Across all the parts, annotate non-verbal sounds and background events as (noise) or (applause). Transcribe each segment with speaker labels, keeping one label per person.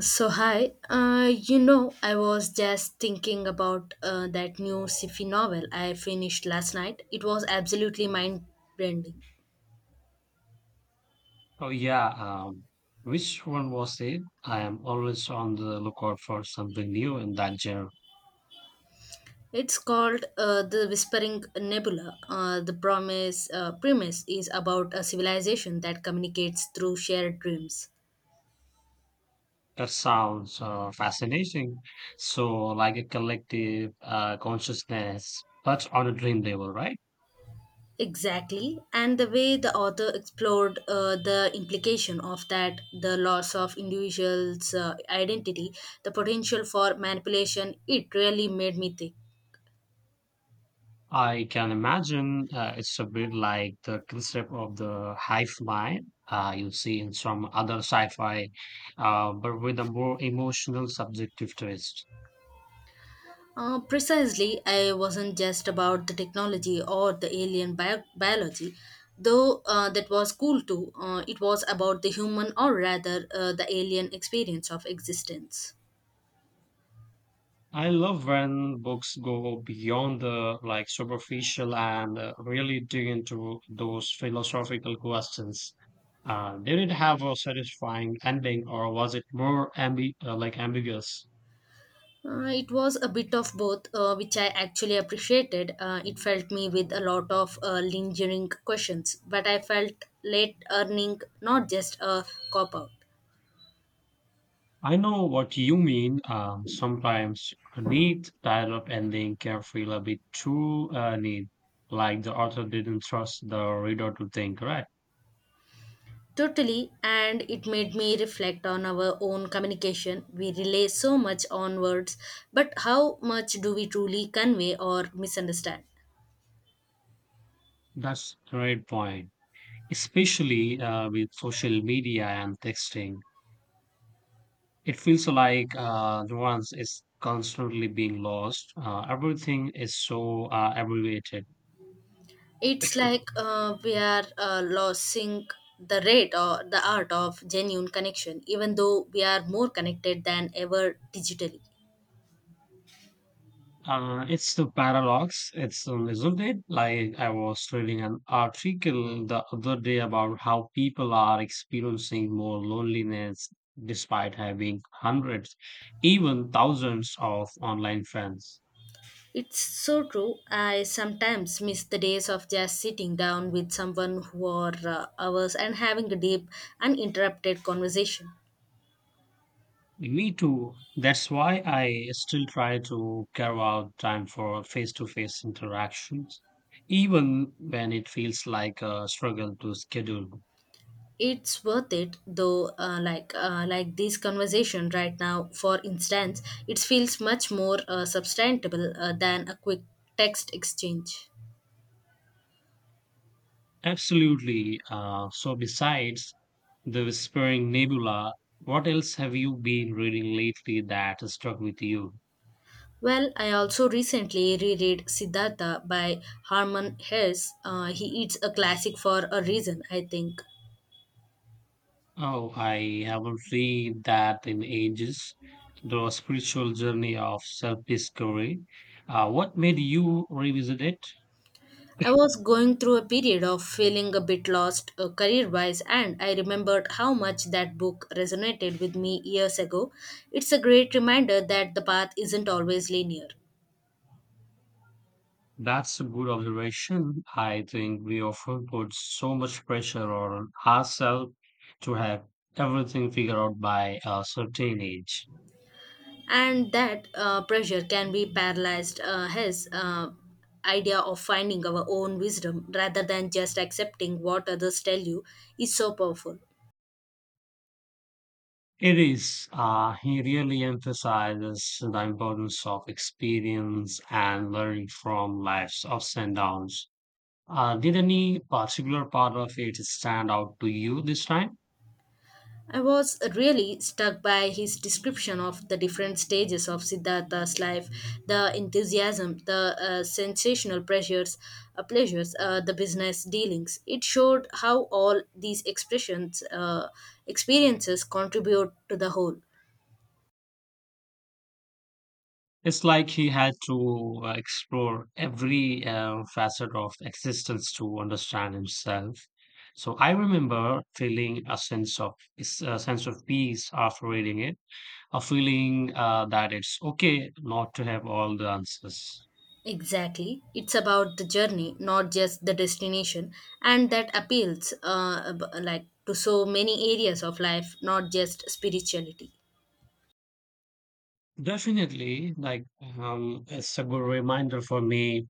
Speaker 1: So hi, I was just thinking about that new sci-fi novel I finished last night. It was absolutely mind-bending.
Speaker 2: Oh yeah, which one was it? I am always on the lookout for something new in that genre.
Speaker 1: It's called The Whispering Nebula. The promise premise is about a civilization that communicates through shared dreams.
Speaker 2: That sounds fascinating. So, like a collective consciousness, but on a dream level, right?
Speaker 1: Exactly, and the way the author explored the implication of that, the loss of individuals' identity, the potential for manipulation, it really made me think.
Speaker 2: I can imagine it's a bit like the concept of the hive mind you see in some other sci-fi, but with a more emotional, subjective twist.
Speaker 1: Precisely, I wasn't just about the technology or the alien biology, though that was cool too. It was about the human, or rather, the alien experience of existence.
Speaker 2: I love when books go beyond the like superficial and really dig into those philosophical questions. Did it have a satisfying ending, or was it more like ambiguous?
Speaker 1: It was a bit of both, which I actually appreciated. It felt me with a lot of lingering questions, but I felt late earning, not just a cop out.
Speaker 2: I know what you mean. Sometimes a neat tied up ending can feel a bit too neat, like the author didn't trust the reader to think. Right?
Speaker 1: Totally, and it made me reflect on our own communication. We rely so much on words, but how much do we truly convey or misunderstand?
Speaker 2: That's a great point. Especially with social media and texting. It feels like nuance is constantly being lost. Everything is so abbreviated.
Speaker 1: It's like we are losing the rate or the art of genuine connection, even though we are more connected than ever digitally.
Speaker 2: It's the paradox, it's isn't it? Like I was reading an article the other day about how people are experiencing more loneliness despite having hundreds, even thousands of online friends.
Speaker 1: It's so true. I sometimes miss the days of just sitting down with someone for hours and having a deep, uninterrupted conversation.
Speaker 2: Me too. That's why I still try to carve out time for face to face interactions, even when it feels like a struggle to schedule.
Speaker 1: It's worth it though, like this conversation right now, for instance. It feels much more substantial than a quick text exchange.
Speaker 2: Absolutely. So, besides the Whispering Nebula, what else have you been reading lately that stuck with you?
Speaker 1: Well, I also recently reread Siddhartha by Harman Hesse. He It's a classic for a reason, I think.
Speaker 2: Oh, I haven't read that in ages. The spiritual journey of self discovery. What made you revisit it?
Speaker 1: I was going through a period of feeling a bit lost, career wise, and I remembered how much that book resonated with me years ago. It's a great reminder that the path isn't always linear.
Speaker 2: That's a good observation. I think we often put so much pressure on ourselves to have everything figured out by a certain age.
Speaker 1: And that pressure can be paralyzed. His idea of finding our own wisdom rather than just accepting what others tell you is so powerful.
Speaker 2: It is. He really emphasizes the importance of experience and learning from life's ups and downs. Did any particular part of it stand out to you this time?
Speaker 1: I was really struck by his description of the different stages of Siddhartha's life, the enthusiasm, the sensational pressures pleasures, the business dealings. It showed how all these expressions experiences contribute to the whole.
Speaker 2: It's like he had to explore every facet of existence to understand himself. So I remember feeling a sense of peace after reading it, a feeling that it's okay not to have all the answers.
Speaker 1: Exactly. It's about the journey, not just the destination, and that appeals, like, to so many areas of life, not just spirituality.
Speaker 2: Definitely, like it's a good reminder for me.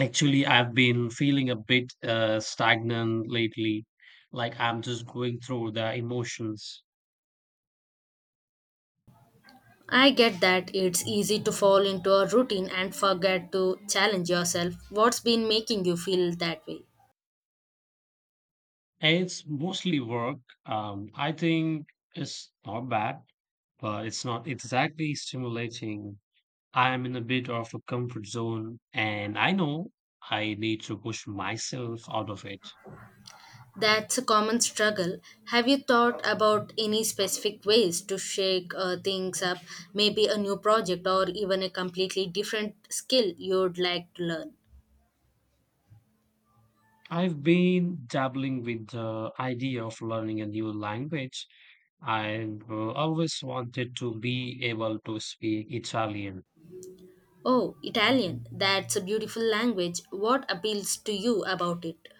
Speaker 2: Actually, I've been feeling a bit stagnant lately, like I'm just going through the emotions.
Speaker 1: I get that. It's easy to fall into a routine and forget to challenge yourself. What's been making you feel that way?
Speaker 2: It's mostly work. I think it's not bad, but it's not exactly stimulating. I'm in a bit of a comfort zone, and I know I need to push myself out of it.
Speaker 1: That's a common struggle. Have you thought about any specific ways to shake things up? Maybe a new project, or even a completely different skill you'd like to learn?
Speaker 2: I've been dabbling with the idea of learning a new language. I've always wanted to be able to speak Italian.
Speaker 1: Oh, Italian. That's a beautiful language. What appeals to you about it?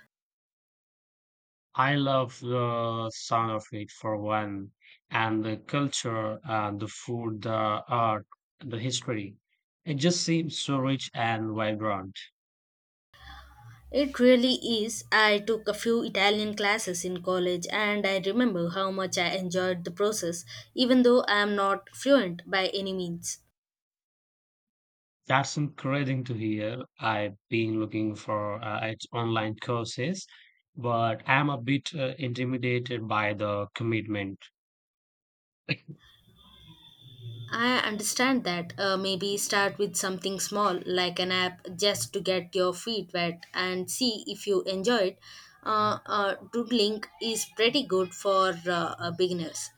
Speaker 2: I love the sound of it for one, and the culture, and the food, the art, the history. It just seems so rich and vibrant.
Speaker 1: It really is. I took a few Italian classes in college, and I remember how much I enjoyed the process, even though I am not fluent by any means.
Speaker 2: That's encouraging to hear. I've been looking for its online courses, but I'm a bit intimidated by the commitment. (coughs)
Speaker 1: I understand that. Maybe start with something small, like an app, just to get your feet wet
Speaker 2: (laughs)
Speaker 1: and see if you enjoy it. Doodling is pretty good for beginners.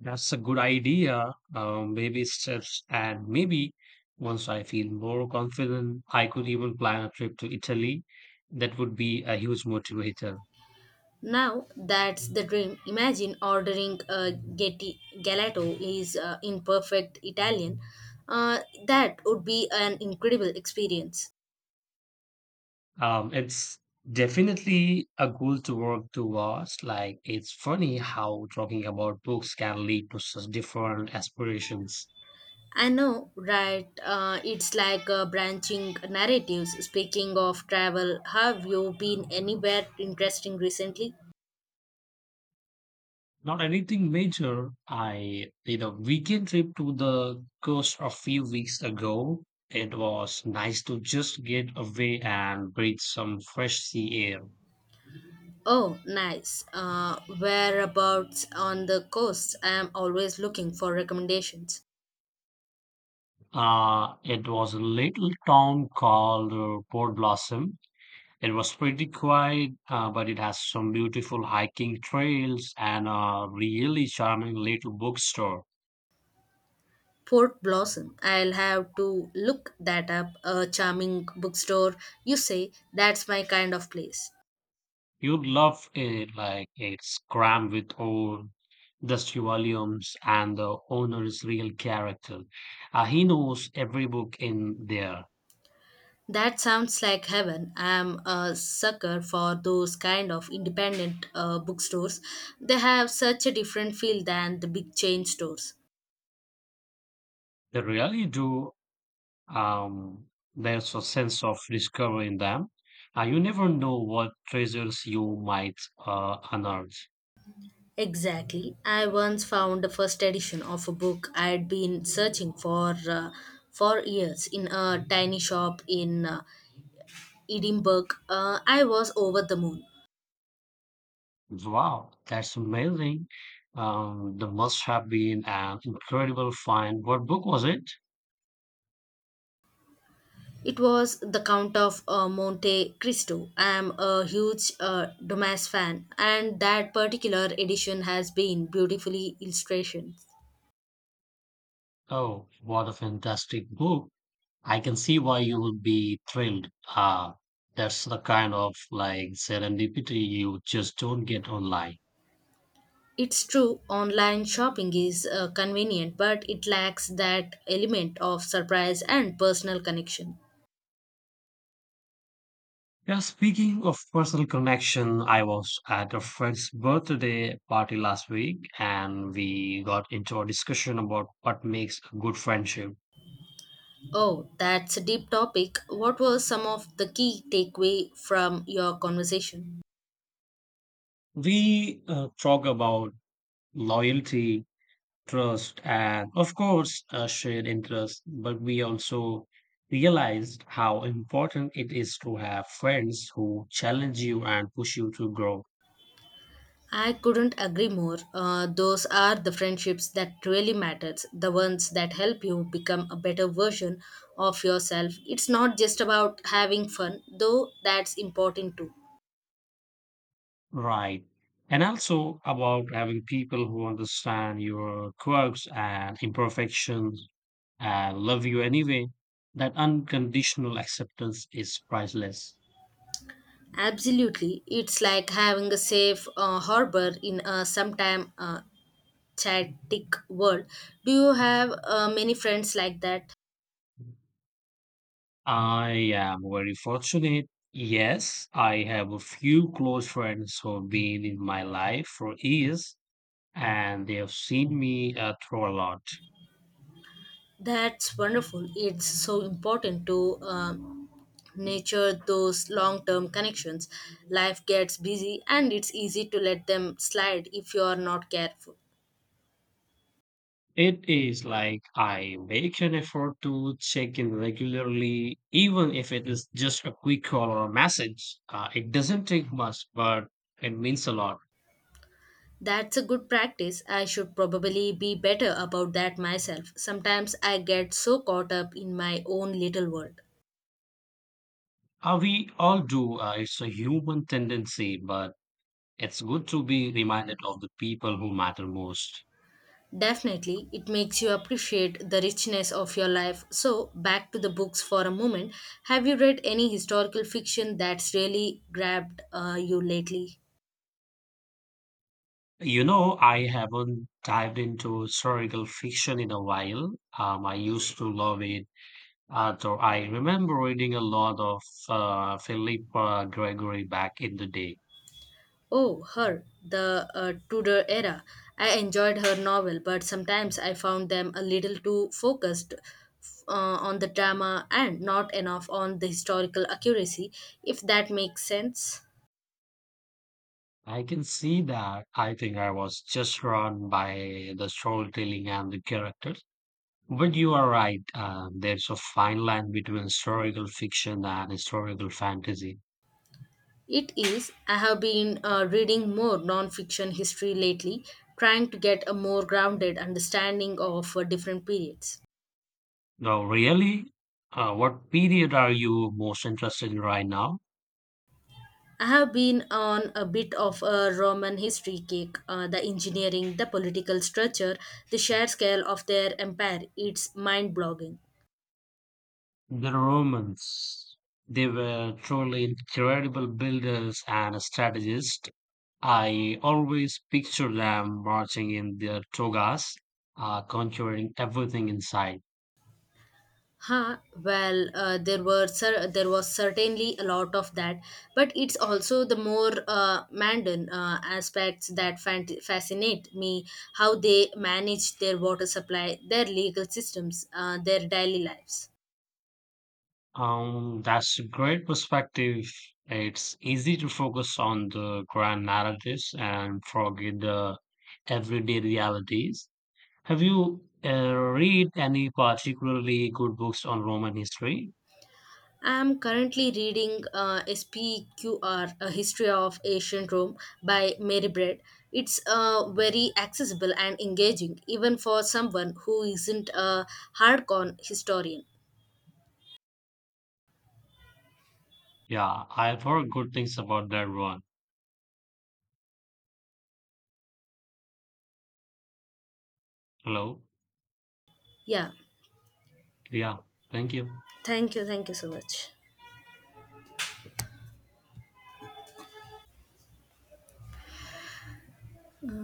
Speaker 2: That's a good idea. Baby steps, and maybe once I feel more confident, I could even plan a trip to Italy. That would be a huge motivator.
Speaker 1: Now that's the dream. Imagine ordering a getti, gelato is in perfect Italian. Uh, that would be an incredible experience.
Speaker 2: It's definitely a goal to work towards. Like, it's funny how talking about books can lead to such different aspirations.
Speaker 1: I know, right? It's like branching narratives. Speaking of travel, have you been anywhere interesting recently?
Speaker 2: Not anything major. I did a weekend trip to the coast a few weeks ago. It was nice to just get away and breathe some fresh sea air.
Speaker 1: Oh, nice. Whereabouts on the coast? I am always looking for recommendations.
Speaker 2: It was a little town called Port Blossom. It was pretty quiet, but it has some beautiful hiking trails and a really charming little bookstore.
Speaker 1: Port Blossom. I'll have to look that up. A charming bookstore, you say? That's my kind of place.
Speaker 2: You'd love it, like it's crammed with old dusty volumes, and the owner is real character. He knows every book in there.
Speaker 1: That sounds like heaven. I'm a sucker for those kind of independent bookstores. They have such a different feel than the big chain stores.
Speaker 2: They really do. Um, there's a sense of discovery in them. You never know what treasures you might unearth.
Speaker 1: Exactly. I once found the first edition of a book I'd been searching for, for years, in a tiny shop in, Edinburgh. I was over the moon.
Speaker 2: Wow, that's amazing. That must have been an incredible find. What book was it?
Speaker 1: It was the Count of Monte Cristo. I am a huge Dumas fan, and that particular edition has been beautifully illustrated.
Speaker 2: Oh, what a fantastic book. I can see why you would be thrilled. That's the kind of like serendipity you just don't get online.
Speaker 1: It's true, online shopping is convenient, but it lacks that element of surprise and personal connection.
Speaker 2: Yeah, speaking of personal connection, I was at a friend's birthday party last week and we got into a discussion about what makes a good friendship.
Speaker 1: Oh, that's a deep topic. What were some of the key takeaway from your conversation?
Speaker 2: We talk about loyalty, trust, and of course, a shared interest. But we also realized how important it is to have friends who challenge you and push you to grow.
Speaker 1: I couldn't agree more. Those are the friendships that really matters, the ones that help you become a better version of yourself. It's not just about having fun, though that's important too.
Speaker 2: Right. And also about having people who understand your quirks and imperfections and love you anyway. That unconditional acceptance is priceless.
Speaker 1: Absolutely. It's like having a safe harbor in a sometime chaotic world. Do you have many friends like that?
Speaker 2: I am very fortunate. Yes, I have a few close friends who've been in my life for years and they have seen me through a lot.
Speaker 1: That's wonderful. It's so important to nature those long term connections. Life gets busy, and it's easy to let them slide if you are not careful.
Speaker 2: It is like I make an effort to check in regularly, even if it is just a quick call or a message. It doesn't take much, but it means a lot.
Speaker 1: That's a good practice. I should probably be better about that myself. Sometimes I get so caught up in my own little world.
Speaker 2: We all do. It's a human tendency, but it's good to be reminded of the people who matter most.
Speaker 1: Definitely, it makes you appreciate the richness of your life. So, back to the books for a moment. Have you read any historical fiction that's really grabbed you lately?
Speaker 2: You know, I haven't dived into historical fiction in a while. I used to love it, though I remember reading a lot of Philippa Gregory back in the day.
Speaker 1: Oh, her, the Tudor era. I enjoyed her novel, but sometimes I found them a little too focused on the drama and not enough on the historical accuracy, if that makes sense.
Speaker 2: I can see that I think I was just drawn by the storytelling and the characters. But you are right, there's a fine line between historical fiction and historical fantasy.
Speaker 1: It is. I have been reading more non-fiction history lately, trying to get a more grounded understanding of different periods.
Speaker 2: Now, really, what period are you most interested in right now?
Speaker 1: I have been on a bit of a Roman history kick. The engineering, the political structure, the sheer scale of their empire, it's mind-blogging.
Speaker 2: The Romans, they were truly incredible builders and strategists. I always picture them marching in their togas, conquering everything in sight.
Speaker 1: Huh, well, there there was certainly a lot of that, but it's also the more Mandan aspects that fascinate me, how they manage their water supply, their legal systems, their daily lives.
Speaker 2: That's a great perspective. It's easy to focus on the grand narratives and forget the everyday realities. Have you read any particularly good books on Roman history?
Speaker 1: I'm currently reading SPQR, A History of Ancient Rome by Mary Braid. It's very accessible and engaging, even for someone who isn't a hardcore historian.
Speaker 2: Yeah, I've heard good things about that one. Hello.
Speaker 1: Yeah,
Speaker 2: Yeah, thank you.
Speaker 1: thank you so much.